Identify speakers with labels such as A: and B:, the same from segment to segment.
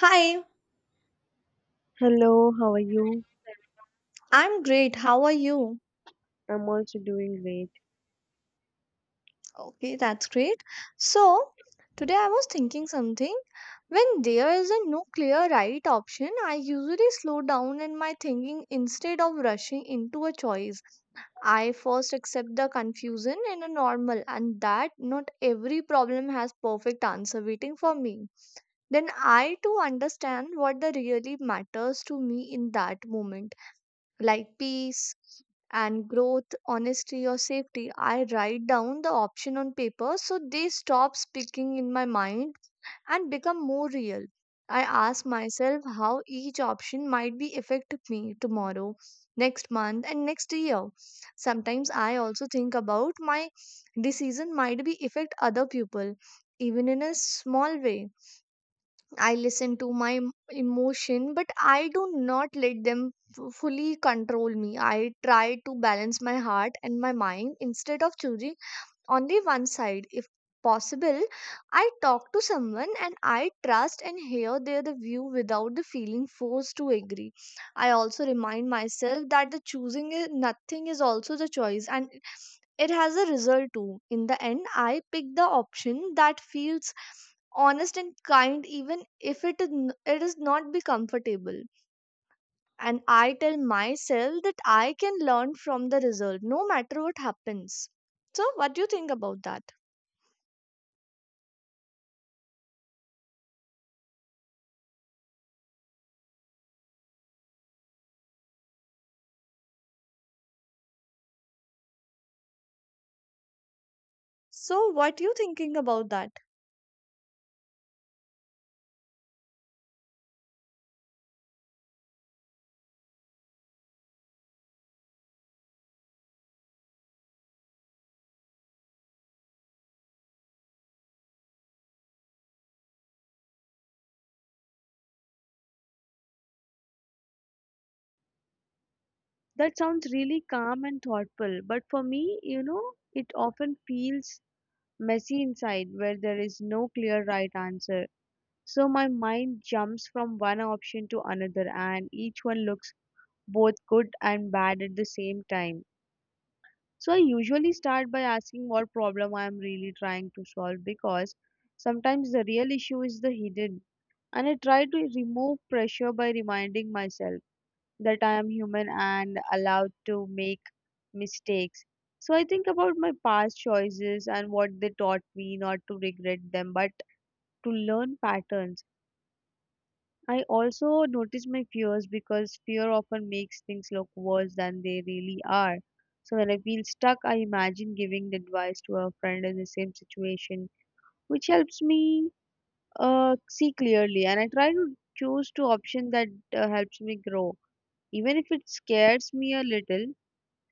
A: Hi,
B: Hello, how are you?
A: I'm great. How are you?
B: I'm also doing great.
A: Okay, that's great. So, today I was thinking something. When there isn't no clear right option, I usually slow down in my thinking instead of rushing into a choice. I first accept the confusion in a normal and that not every problem has perfect answer waiting for me. Then I too understand what the really matters to me in that moment. Like peace and growth, honesty, or safety. I write down the option on paper so they stop speaking in my mind and become more real. I ask myself how each option might be affect me tomorrow, next month, and next year. Sometimes I also think about my decision might be affect other people, even in a small way. I listen to my emotion, but I do not let them fully control me. I try to balance my heart and my mind instead of choosing on the one side if possible. I talk to someone and I trust and hear their the view without the feeling forced to agree. I also remind myself that the choosing is, nothing is also the choice, and it has a result too. In the end, I pick the option that feels honest and kind, even if it is not be comfortable. And I tell myself that I can learn from the result no matter what happens. So what do you think about that? So, what you thinking about that?
B: That sounds really calm and thoughtful, but for me, it often feels messy inside where there is no clear right answer. So my mind jumps from one option to another, and each one looks both good and bad at the same time. So I usually start by asking what problem I am really trying to solve because sometimes the real issue is the hidden. And I try to remove pressure by reminding myself that I am human and allowed to make mistakes. So I think about my past choices and what they taught me not to regret them, but to learn patterns. I also notice my fears because fear often makes things look worse than they really are. So when I feel stuck, I imagine giving the advice to a friend in the same situation, which helps me see clearly. And I try to choose two options that helps me grow, even if it scares me a little.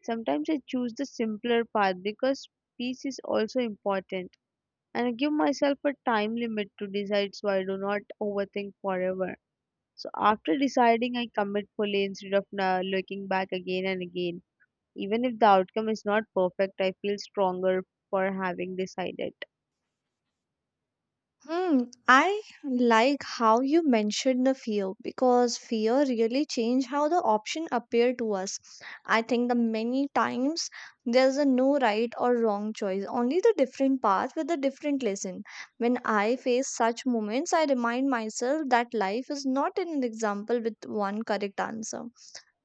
B: Sometimes I choose the simpler path because peace is also important. And I give myself a time limit to decide so I do not overthink forever. So after deciding, I commit fully instead of looking back again and again. Even if the outcome is not perfect, I feel stronger for having decided.
A: Hmm. I like how you mentioned the fear, because fear really changed how the option appear to us. I think the many times there's a no right or wrong choice, only the different path with a different lesson. When I face such moments, I remind myself that life is not an example with one correct answer.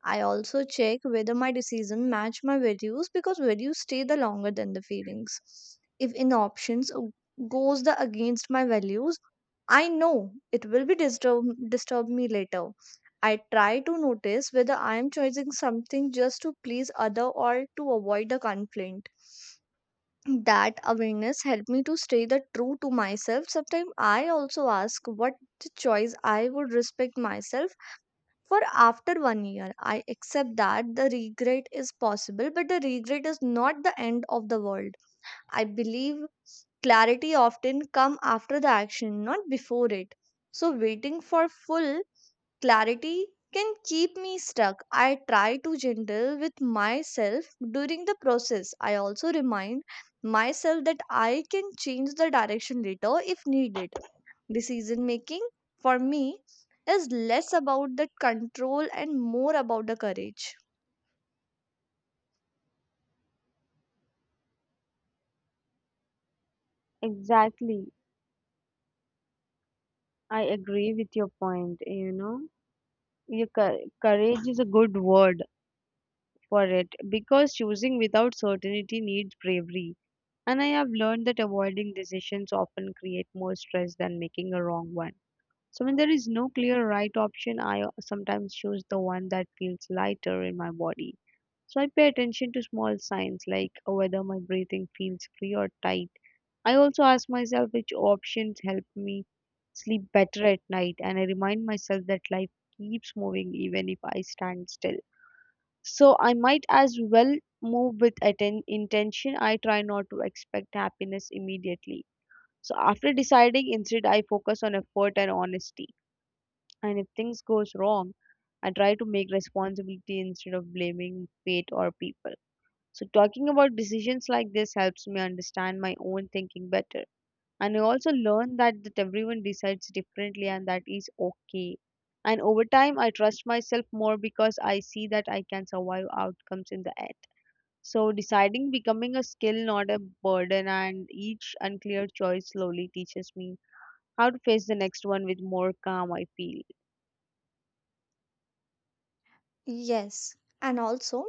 A: I also check whether my decision match my values, because values stay the longer than the feelings. If in options goes the against my values, I know it will be disturb me later. I try to notice whether I am choosing something just to please other or to avoid the conflict. That awareness helped me to stay the true to myself. Sometimes I also ask what the choice I would respect myself for after one year. I accept that the regret is possible, but the regret is not the end of the world. I believe clarity often come after the action, not before it. So waiting for full clarity can keep me stuck. I try to gentle with myself during the process. I also remind myself that I can change the direction later if needed. Decision making for me is less about the control and more about the courage.
B: Exactly. I agree with your point, you know. Your courage is a good word for it because choosing without certainty needs bravery. And I have learned that avoiding decisions often create more stress than making a wrong one. So when there is no clear right option, I sometimes choose the one that feels lighter in my body. So I pay attention to small signs like whether my breathing feels free or tight. I also ask myself which options help me sleep better at night, and I remind myself that life keeps moving even if I stand still. So I might as well move with intention. I try not to expect happiness immediately. So after deciding, instead I focus on effort and honesty. And if things goes wrong, I try to make responsibility instead of blaming fate or people. So talking about decisions like this helps me understand my own thinking better. And I also learn that everyone decides differently and that is okay. And over time, I trust myself more because I see that I can survive outcomes in the end. So deciding becoming a skill, not a burden, and each unclear choice slowly teaches me how to face the next one with more calm. I feel
A: Yes, and also,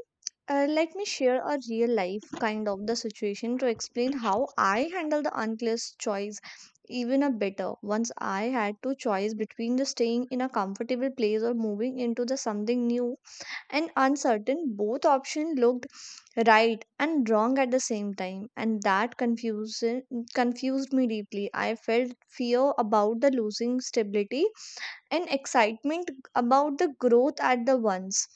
A: let me share a real life kind of the situation to explain how I handle the unclear choice even a better. Once I had to choice between the staying in a comfortable place or moving into the something new and uncertain. Both options looked right and wrong at the same time, and that confusion confused me deeply. I felt fear about the losing stability and excitement about the growth at the once.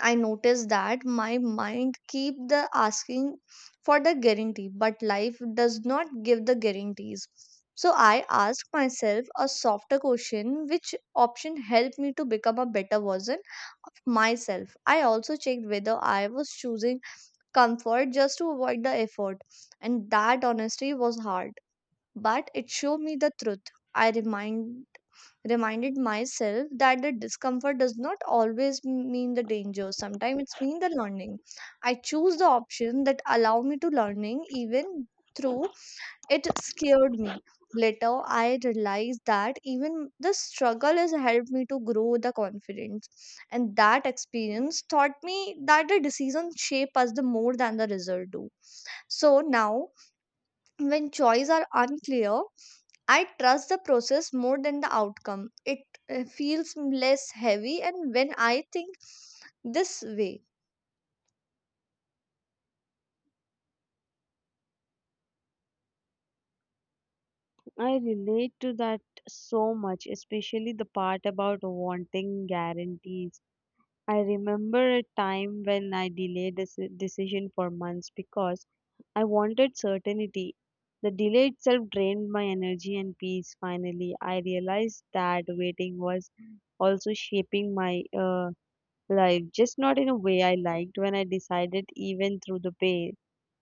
A: I noticed that my mind keep the asking for the guarantee, but life does not give the guarantees. So I ask myself a softer question: which option helped me to become a better version of myself. I also checked whether I was choosing comfort just to avoid the effort, and that honesty was hard, but it showed me the truth. I reminded myself that the discomfort does not always mean the danger. Sometimes it's mean the learning. I choose the option that allow me to learning even through it scared me. Later, I realized that even the struggle has helped me to grow the confidence, and that experience taught me that the decision shape us the more than the result do. So now, when choices are unclear, I trust the process more than the outcome. It feels less heavy, and when I think this way,
B: I relate to that so much, especially the part about wanting guarantees. I remember a time when I delayed a decision for months because I wanted certainty. The delay itself drained my energy and peace. Finally, I realized that waiting was also shaping my life, just not in a way I liked. When I decided, even through the pain,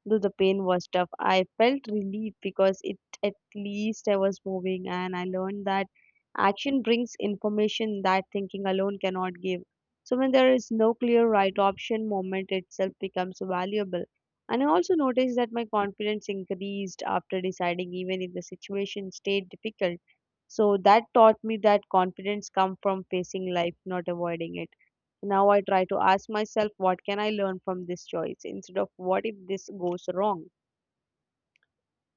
B: though the pain was tough, I felt relief because it at least I was moving, and I learned that action brings information that thinking alone cannot give. So when there is no clear right option, moment itself becomes valuable. And I also noticed that my confidence increased after deciding, even if the situation stayed difficult. So that taught me that confidence comes from facing life, not avoiding it. Now I try to ask myself, what can I learn from this choice instead of what if this goes wrong?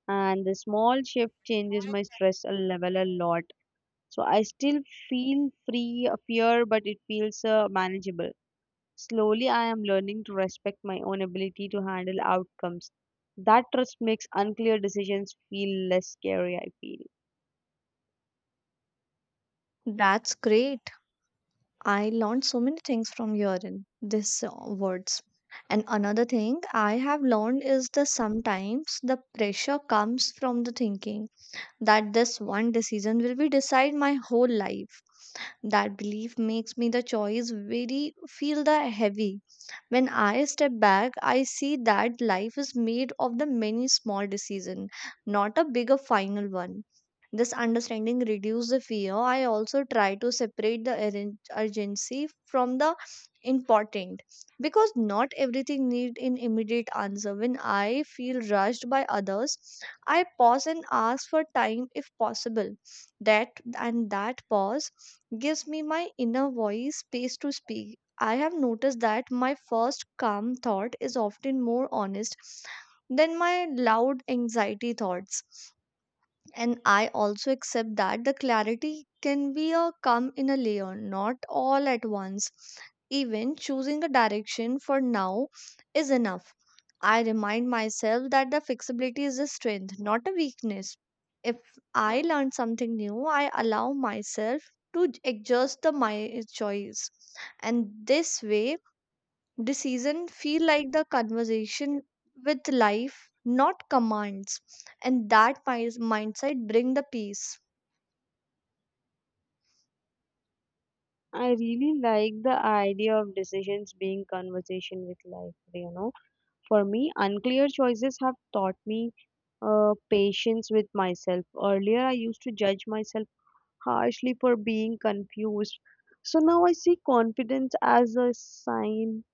B: And the small shift changes my stress level a lot. So I still feel free of fear, but it feels manageable. Slowly, I am learning to respect my own ability to handle outcomes. That trust makes unclear decisions feel less scary, I feel.
A: that's great. I learned so many things from your in this words. And another thing I have learned is that sometimes the pressure comes from the thinking that this one decision will be decide my whole life. That belief makes me the choice very feel the heavy. When I step back, I see that life is made of the many small decisions, not a bigger final one. This understanding reduces the fear. I also try to separate the urgency from the important, because not everything need an immediate answer. When I feel rushed by others, I pause and ask for time if possible. That and that pause gives me my inner voice space to speak. I have noticed that my first calm thought is often more honest than my loud anxiety thoughts. And I also accept that the clarity can be a come in a layer, not all at once. Even choosing a direction for now is enough. I remind myself that the flexibility is a strength, not a weakness. If I learn something new, I allow myself to adjust the my choice. And this way, decision feel like the conversation with life, not commands. And that mindset bring the peace.
B: I really like the idea of decisions being conversation with life. For me, unclear choices have taught me patience with myself. Earlier, I used to judge myself harshly for being confused. So now I see confidence as a sign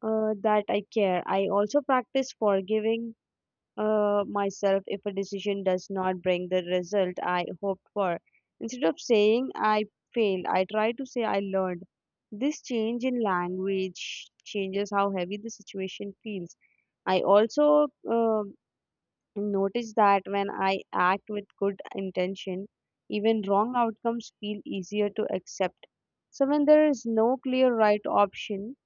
B: that I care. I also practice forgiving myself if a decision does not bring the result I hoped for. Instead of saying I failed, I try to say I learned. This change in language changes how heavy the situation feels. I also notice that when I act with good intention, even wrong outcomes feel easier to accept. So when there is no clear right option,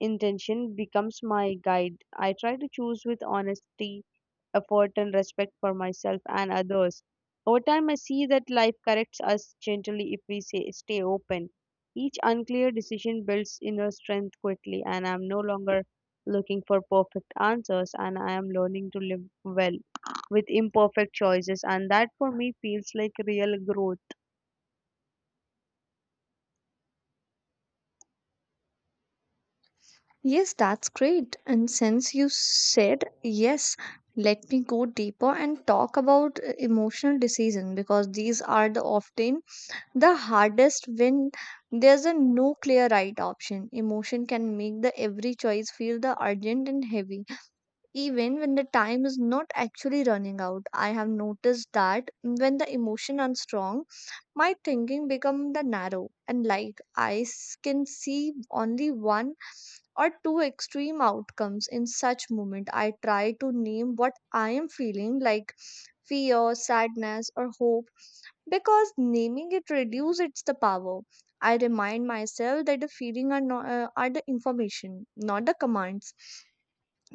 B: intention becomes my guide. I try to choose with honesty, effort, and respect for myself and others. Over time, I see that life corrects us gently if we say, stay open. Each unclear decision builds inner strength quickly, and I'm no longer looking for perfect answers, and I am learning to live well with imperfect choices, and that for me feels like real growth.
A: Yes, that's great. And since you said yes, let me go deeper and talk about emotional decision, because these are the often the hardest when there's a no clear right option. Emotion can make the every choice feel the urgent and heavy, even when the time is not actually running out. I have noticed that when the emotion are strong, my thinking become the narrow, and like I can see only one or two extreme outcomes. In such moment, I try to name what I am feeling, like fear, sadness, or hope, because naming it reduces its the power. I remind myself that the feeling are, not, are the information, not the commands.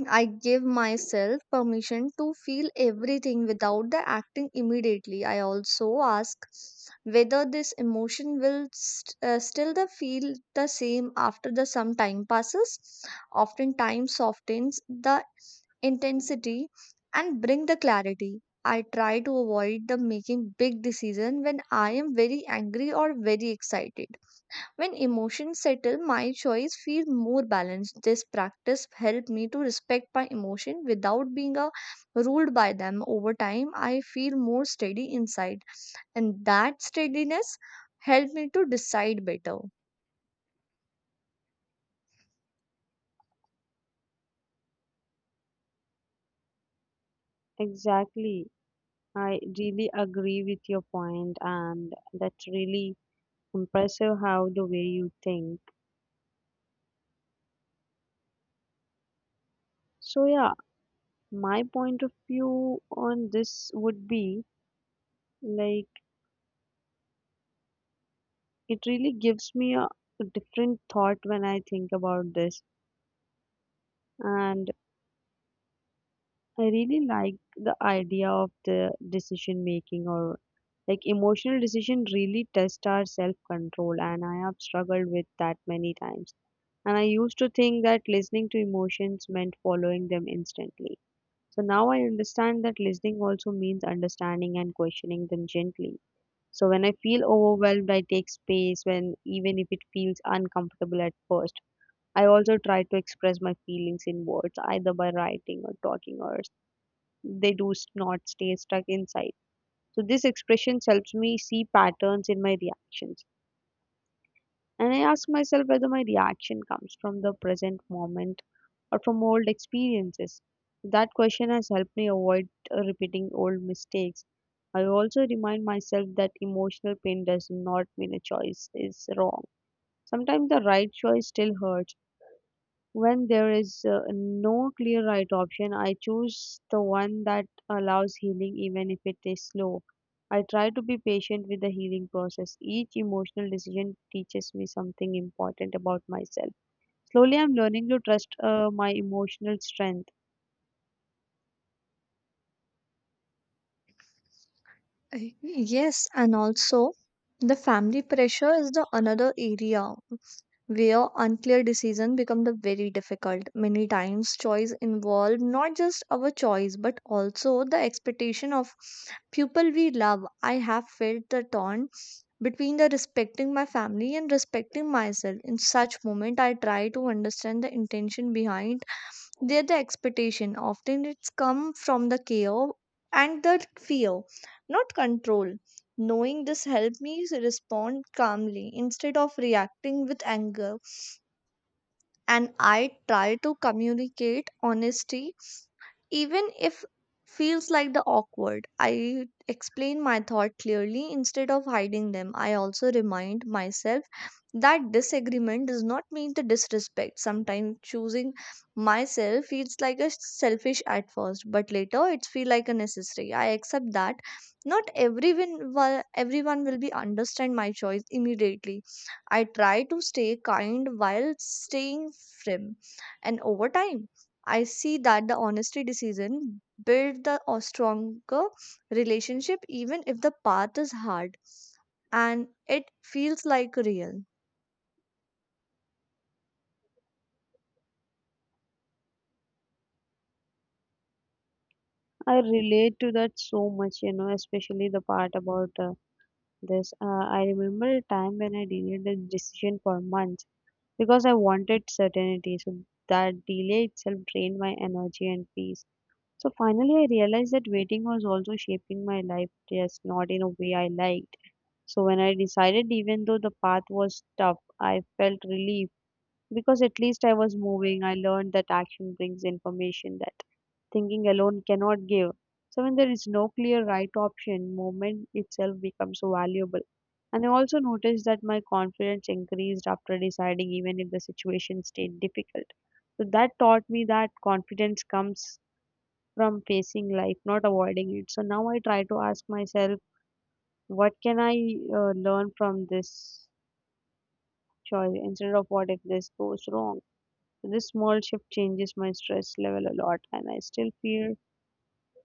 A: I give myself permission to feel everything without the acting immediately. I also ask whether this emotion will still the feel the same after the some time passes. Often time softens the intensity and bring the clarity. I try to avoid the making big decision when I am very angry or very excited. When emotions settle, my choice feel more balanced. This practice helped me to respect my emotion without being ruled by them. Over time, I feel more steady inside, and that steadiness helped me to decide better.
B: Exactly. I really agree with your point, and that's really impressive how the way you think. So, yeah, my point of view on this would be like it really gives me a different thought when I think about this. And I really like the idea of the decision making, or like emotional decision really test our self control, and I have struggled with that many times. And I used to think that listening to emotions meant following them instantly. So now I understand that listening also means understanding and questioning them gently. So when I feel overwhelmed, I take space when even if it feels uncomfortable at first. I also try to express my feelings in words, either by writing or talking, or they do not stay stuck inside. So this expression helps me see patterns in my reactions. And I ask myself whether my reaction comes from the present moment or from old experiences. That question has helped me avoid repeating old mistakes. I also remind myself that emotional pain does not mean a choice is wrong. Sometimes the right choice still hurts. When there is no clear right option, I choose the one that allows healing even if it is slow. I try to be patient with the healing process. Each emotional decision teaches me something important about myself. Slowly, I'm learning to trust my emotional strength.
A: Yes, and also the family pressure is the another area where unclear decision become the very difficult. Many times choice involve not just our choice, but also the expectation of people we love. I have felt the taunt between the respecting my family and respecting myself. In such moment, I try to understand the intention behind their the expectation. Often it's come from the care and the fear, not control. Knowing this helped me respond calmly instead of reacting with anger. And I try to communicate honesty, even if feels like the awkward. I explain my thought clearly instead of hiding them. I also remind myself that disagreement does not mean the disrespect. Sometimes choosing myself feels like a selfish at first, but later it feel like a necessary. I accept that not everyone will, everyone will be understand my choice immediately. I try to stay kind while staying firm. And over time, I see that the honesty decision build the stronger relationship, even if the path is hard, and it feels like real.
B: I relate to that so much, you know, especially the part about this. I remember a time when I delayed the decision for months because I wanted certainty. So that delay itself drained my energy and peace. So finally, I realized that waiting was also shaping my life, just not in a way I liked. So when I decided, even though the path was tough, I felt relief because at least I was moving. I learned that action brings information that thinking alone cannot give. So when there is no clear right option, movement itself becomes so valuable. And I also noticed that my confidence increased after deciding, even if the situation stayed difficult. So that taught me that confidence comes from facing life, not avoiding it. So now I try to ask myself, what can I learn from this choice instead of what if this goes wrong? So this small shift changes my stress level a lot, and I still feel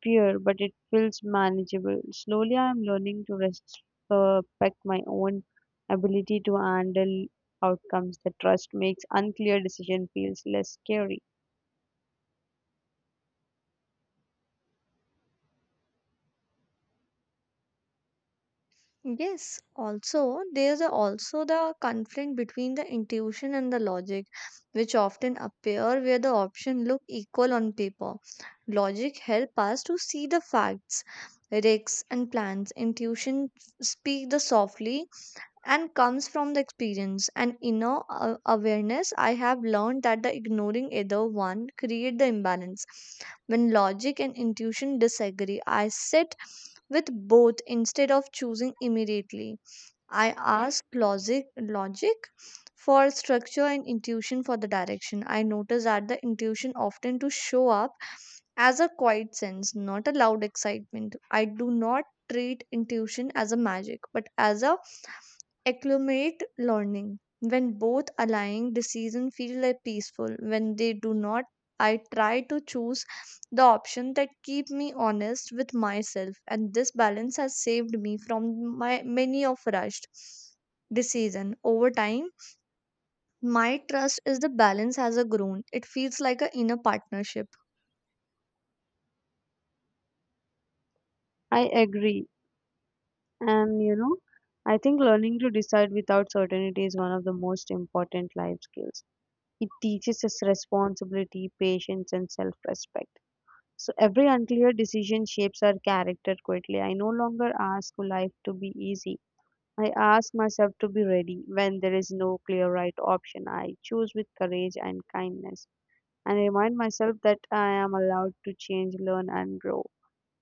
B: fear, but it feels manageable. Slowly, I am learning to respect my own ability to handle outcomes. The trust makes unclear decision feels less scary.
A: Yes, also there's also the conflict between the intuition and the logic, which often appear where the options look equal on paper. Logic help us to see the facts, risks and plans. Intuition speak the softly and comes from the experience and inner awareness. I have learned that the ignoring either one create the imbalance. When logic and intuition disagree, I sit with both instead of choosing immediately. I ask logic for structure and intuition for the direction. I notice that the intuition often to show up as a quiet sense, not a loud excitement. I do not treat intuition as a magic, but as a acclimate learning. When both aligning, decision feel like peaceful. When they do not, I try to choose the option that keep me honest with myself. And this balance has saved me from my many of rushed decision over time. My trust is the balance has a grown. It feels like a inner partnership.
B: I agree. And you know, I think learning to decide without certainty is one of the most important life skills. It teaches us responsibility, patience, and self respect. So every unclear decision shapes our character quickly. I no longer ask life to be easy. I ask myself to be ready when there is no clear right option. I choose with courage and kindness and remind myself that I am allowed to change, learn, and grow.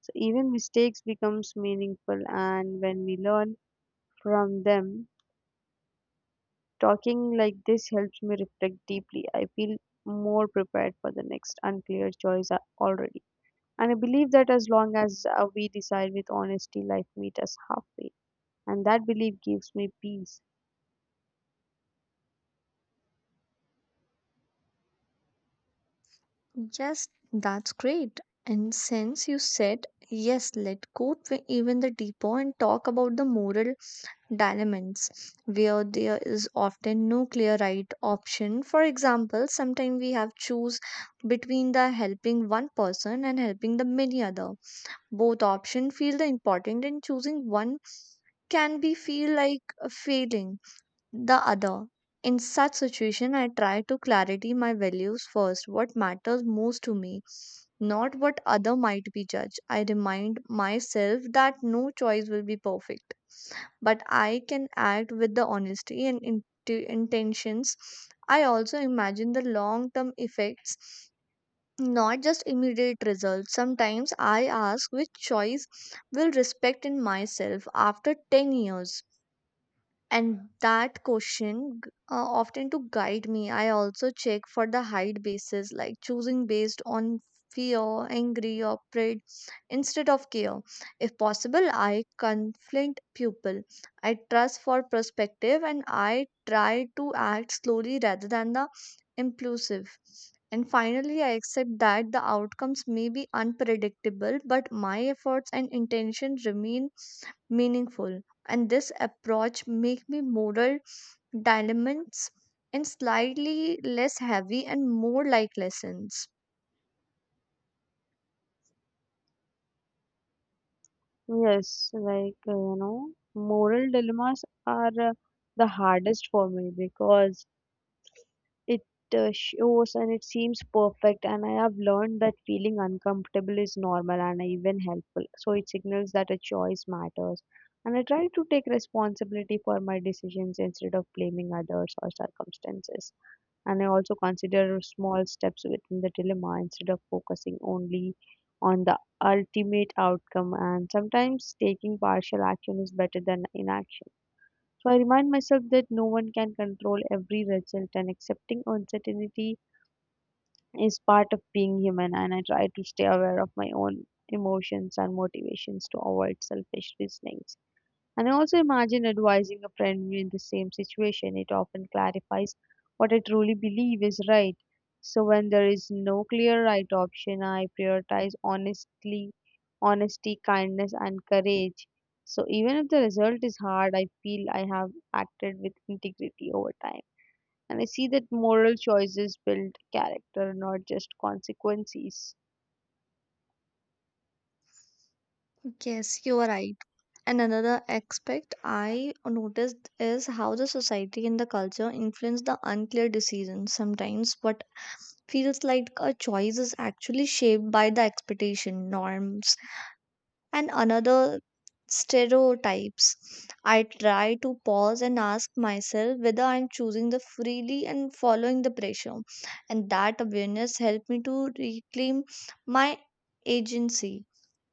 B: So even mistakes becomes meaningful, and when we learn from them, talking like this helps me reflect deeply. I feel more prepared for the next unclear choice already. And I believe that as long as we decide with honesty, life meets us halfway. And that belief gives me peace.
A: Yes, that's great. And since you said yes, let go to even the deeper and talk about the moral dilemmas where there is often no clear right option. For example, sometimes we have choose between the helping one person and helping the many other. Both option feel the important, and choosing one can be feel like a failing the other. In such situation, I try to clarity my values first, what matters most to me, not what other might be judged. I remind myself that no choice will be perfect, but I can act with the honesty and intentions. I also imagine the long-term effects, not just immediate results. Sometimes I ask which choice will respect in myself after 10 years and that question often to guide me. I also check for the height basis like choosing based on fear, angry or pride instead of care. If possible, I conflict pupil, I trust for perspective, and I try to act slowly rather than the impulsive. And finally, I accept that the outcomes may be unpredictable, but my efforts and intention remain meaningful. And this approach make me moral dilemmas and slightly less heavy and more like lessons.
B: Yes, like you know, moral dilemmas are the hardest for me because it shows and it seems perfect, and I have learned that feeling uncomfortable is normal and even helpful. So it signals that a choice matters, and I try to take responsibility for my decisions instead of blaming others or circumstances. And I also consider small steps within the dilemma instead of focusing only on the ultimate outcome. And sometimes taking partial action is better than inaction. So I remind myself that no one can control every result, and accepting uncertainty is part of being human. And I try to stay aware of my own emotions and motivations to avoid selfish reasonings. And I also imagine advising a friend in the same situation. It often clarifies what I truly believe is right. So when there is no clear right option, I prioritize honesty, kindness, and courage. So even if the result is hard, I feel I have acted with integrity over time. And I see that moral choices build character, not just consequences.
A: Yes, you are right. And another aspect I noticed is how the society and the culture influence the unclear decisions. Sometimes what feels like a choice is actually shaped by the expectation, norms, and another stereotypes. I try to pause and ask myself whether I'm choosing the freely and following the pressure. And that awareness helped me to reclaim my agency.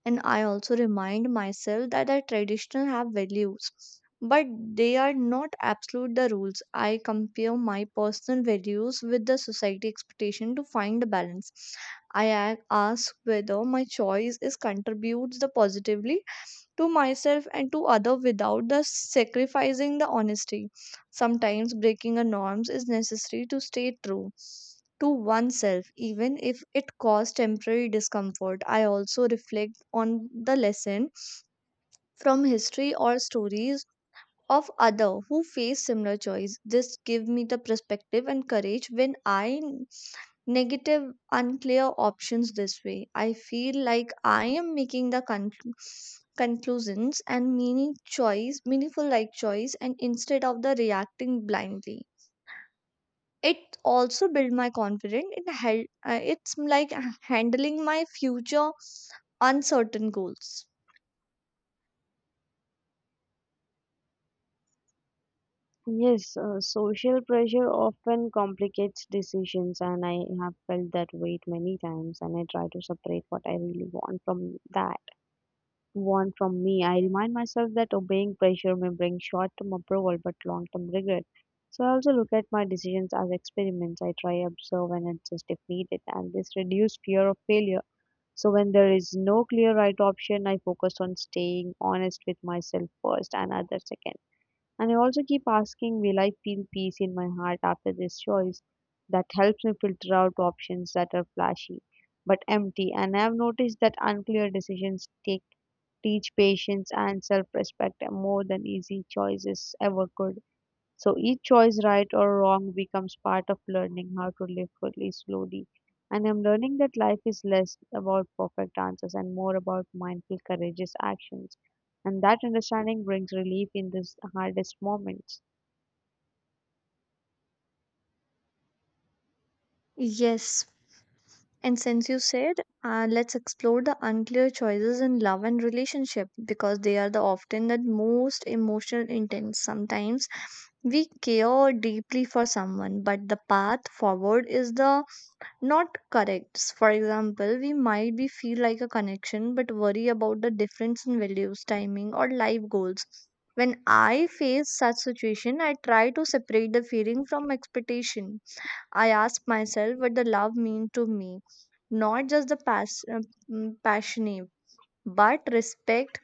A: And I also remind myself that the traditional have values, but they are not absolute the rules. I compare my personal values with the society expectation to find the balance. i a- Ask whether my choice is contributes the positively to myself and to other without the sacrificing the honesty. Sometimes breaking a norms is necessary to stay true to oneself, even if it caused temporary discomfort. I also reflect on the lesson from history or stories of other who face similar choice. This give me the perspective and courage when I negative unclear options. This way, I feel like I am making the conclusions and meaning choice meaningful like choice, and instead of the reacting blindly. It also build my confidence. It's like handling my future uncertain goals.
B: Yes, social pressure often complicates decisions, and I have felt that weight many times. And I try to separate what I really want from that want from me. I remind myself that obeying pressure may bring short-term approval but long-term regret. So I also look at my decisions as experiments. I try observe and adjust if needed, and this reduces fear of failure. So when there is no clear right option, I focus on staying honest with myself first and others second. And I also keep asking, will I feel peace in my heart after this choice? That helps me filter out options that are flashy but empty. And I have noticed that unclear decisions teach patience and self respect more than easy choices ever could. So each choice, right or wrong, becomes part of learning how to live fully, slowly. And I'm learning that life is less about perfect answers and more about mindful, courageous actions. And that understanding brings relief in these hardest moments.
A: Yes. And since you said, let's explore the unclear choices in love and relationship because they are the often the most emotional intense. Sometimes we care deeply for someone, but the path forward is the not correct. For example, we might be feel like a connection, but worry about the difference in values, timing, or life goals. When I face such situation, I try to separate the feeling from expectation. I ask myself what the love mean to me, not just the passionate, but respect,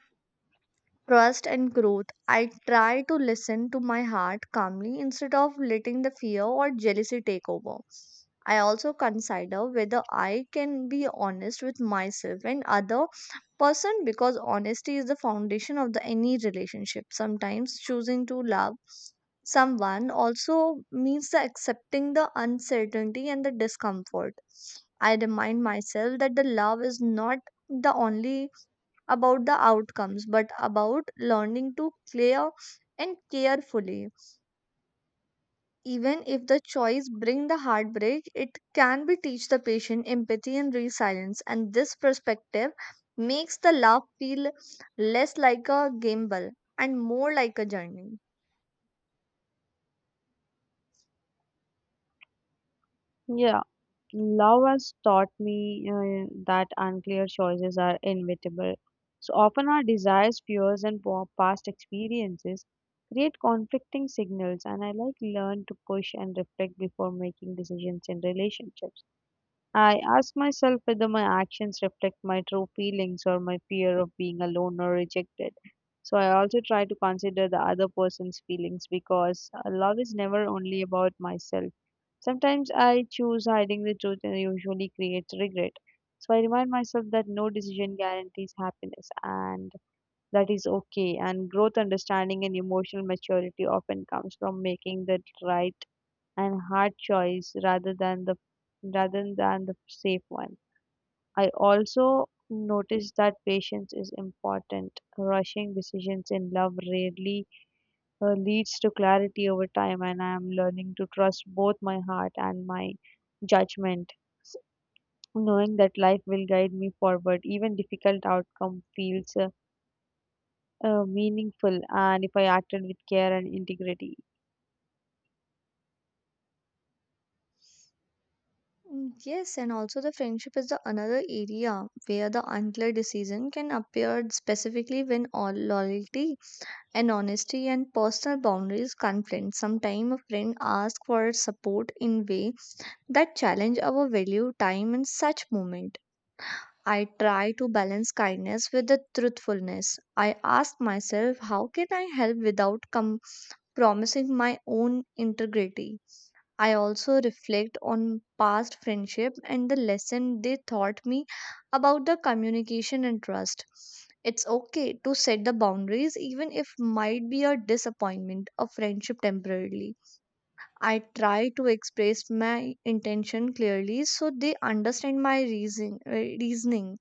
A: trust and growth. I try to listen to my heart calmly instead of letting the fear or jealousy take over. I also consider whether I can be honest with myself and other person, because honesty is the foundation of the any relationship. Sometimes choosing to love someone also means the accepting the uncertainty and the discomfort. I remind myself that the love is not the only about the outcomes, but about learning to clear and carefully. Even if the choice bring the heartbreak, it can be teach the patient empathy and resilience. And this perspective makes the love feel less like a gamble and more like a journey.
B: Yeah. Love has taught me that unclear choices are inevitable. So often, our desires, fears, and past experiences create conflicting signals, and I like learn to push and reflect before making decisions in relationships. I ask myself whether my actions reflect my true feelings or my fear of being alone or rejected. So I also try to consider the other person's feelings because love is never only about myself. Sometimes I choose hiding the truth and usually creates regret. So I remind myself that no decision guarantees happiness and that is okay. And growth, understanding, and emotional maturity often comes from making the right and hard choice rather than the safe one. I also noticed that patience is important. Rushing decisions in love rarely leads to clarity over time, and I am learning to trust both my heart and my judgment. S- Knowing that life will guide me forward, even difficult outcome feels meaningful, and if I acted with care and integrity.
A: Mm, yes, and also the friendship is the another area where the unclear decision can appear, specifically when all loyalty and honesty and personal boundaries conflict. Sometimes a friend asks for support in way that challenge our value time in such moment. I try to balance kindness with the truthfulness. I ask myself how can I help without compromising my own integrity. I also reflect on past friendship and the lesson they taught me about the communication and trust. It's okay to set the boundaries even if might be a disappointment of friendship temporarily. I try to express my intention clearly so they understand my reasoning.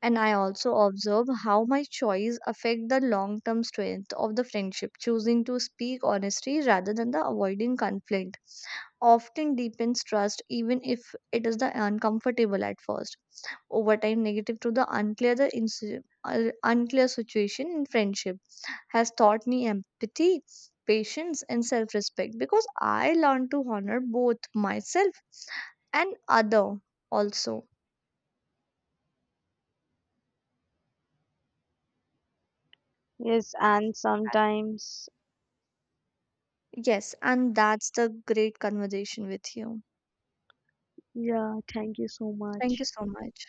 A: And I also observe how my choice affect the long term strength of the friendship. Choosing to speak honestly rather than the avoiding conflict often deepens trust, even if it is the uncomfortable at first. Over time, negative to the unclear the unclear situation in friendship has taught me empathy, patience and self-respect, because I learned to honor both myself and other also.
B: Yes, and sometimes,
A: Yes, and that's the great conversation with you.
B: yeah, thank you so
A: Thank
B: much.
A: you so much.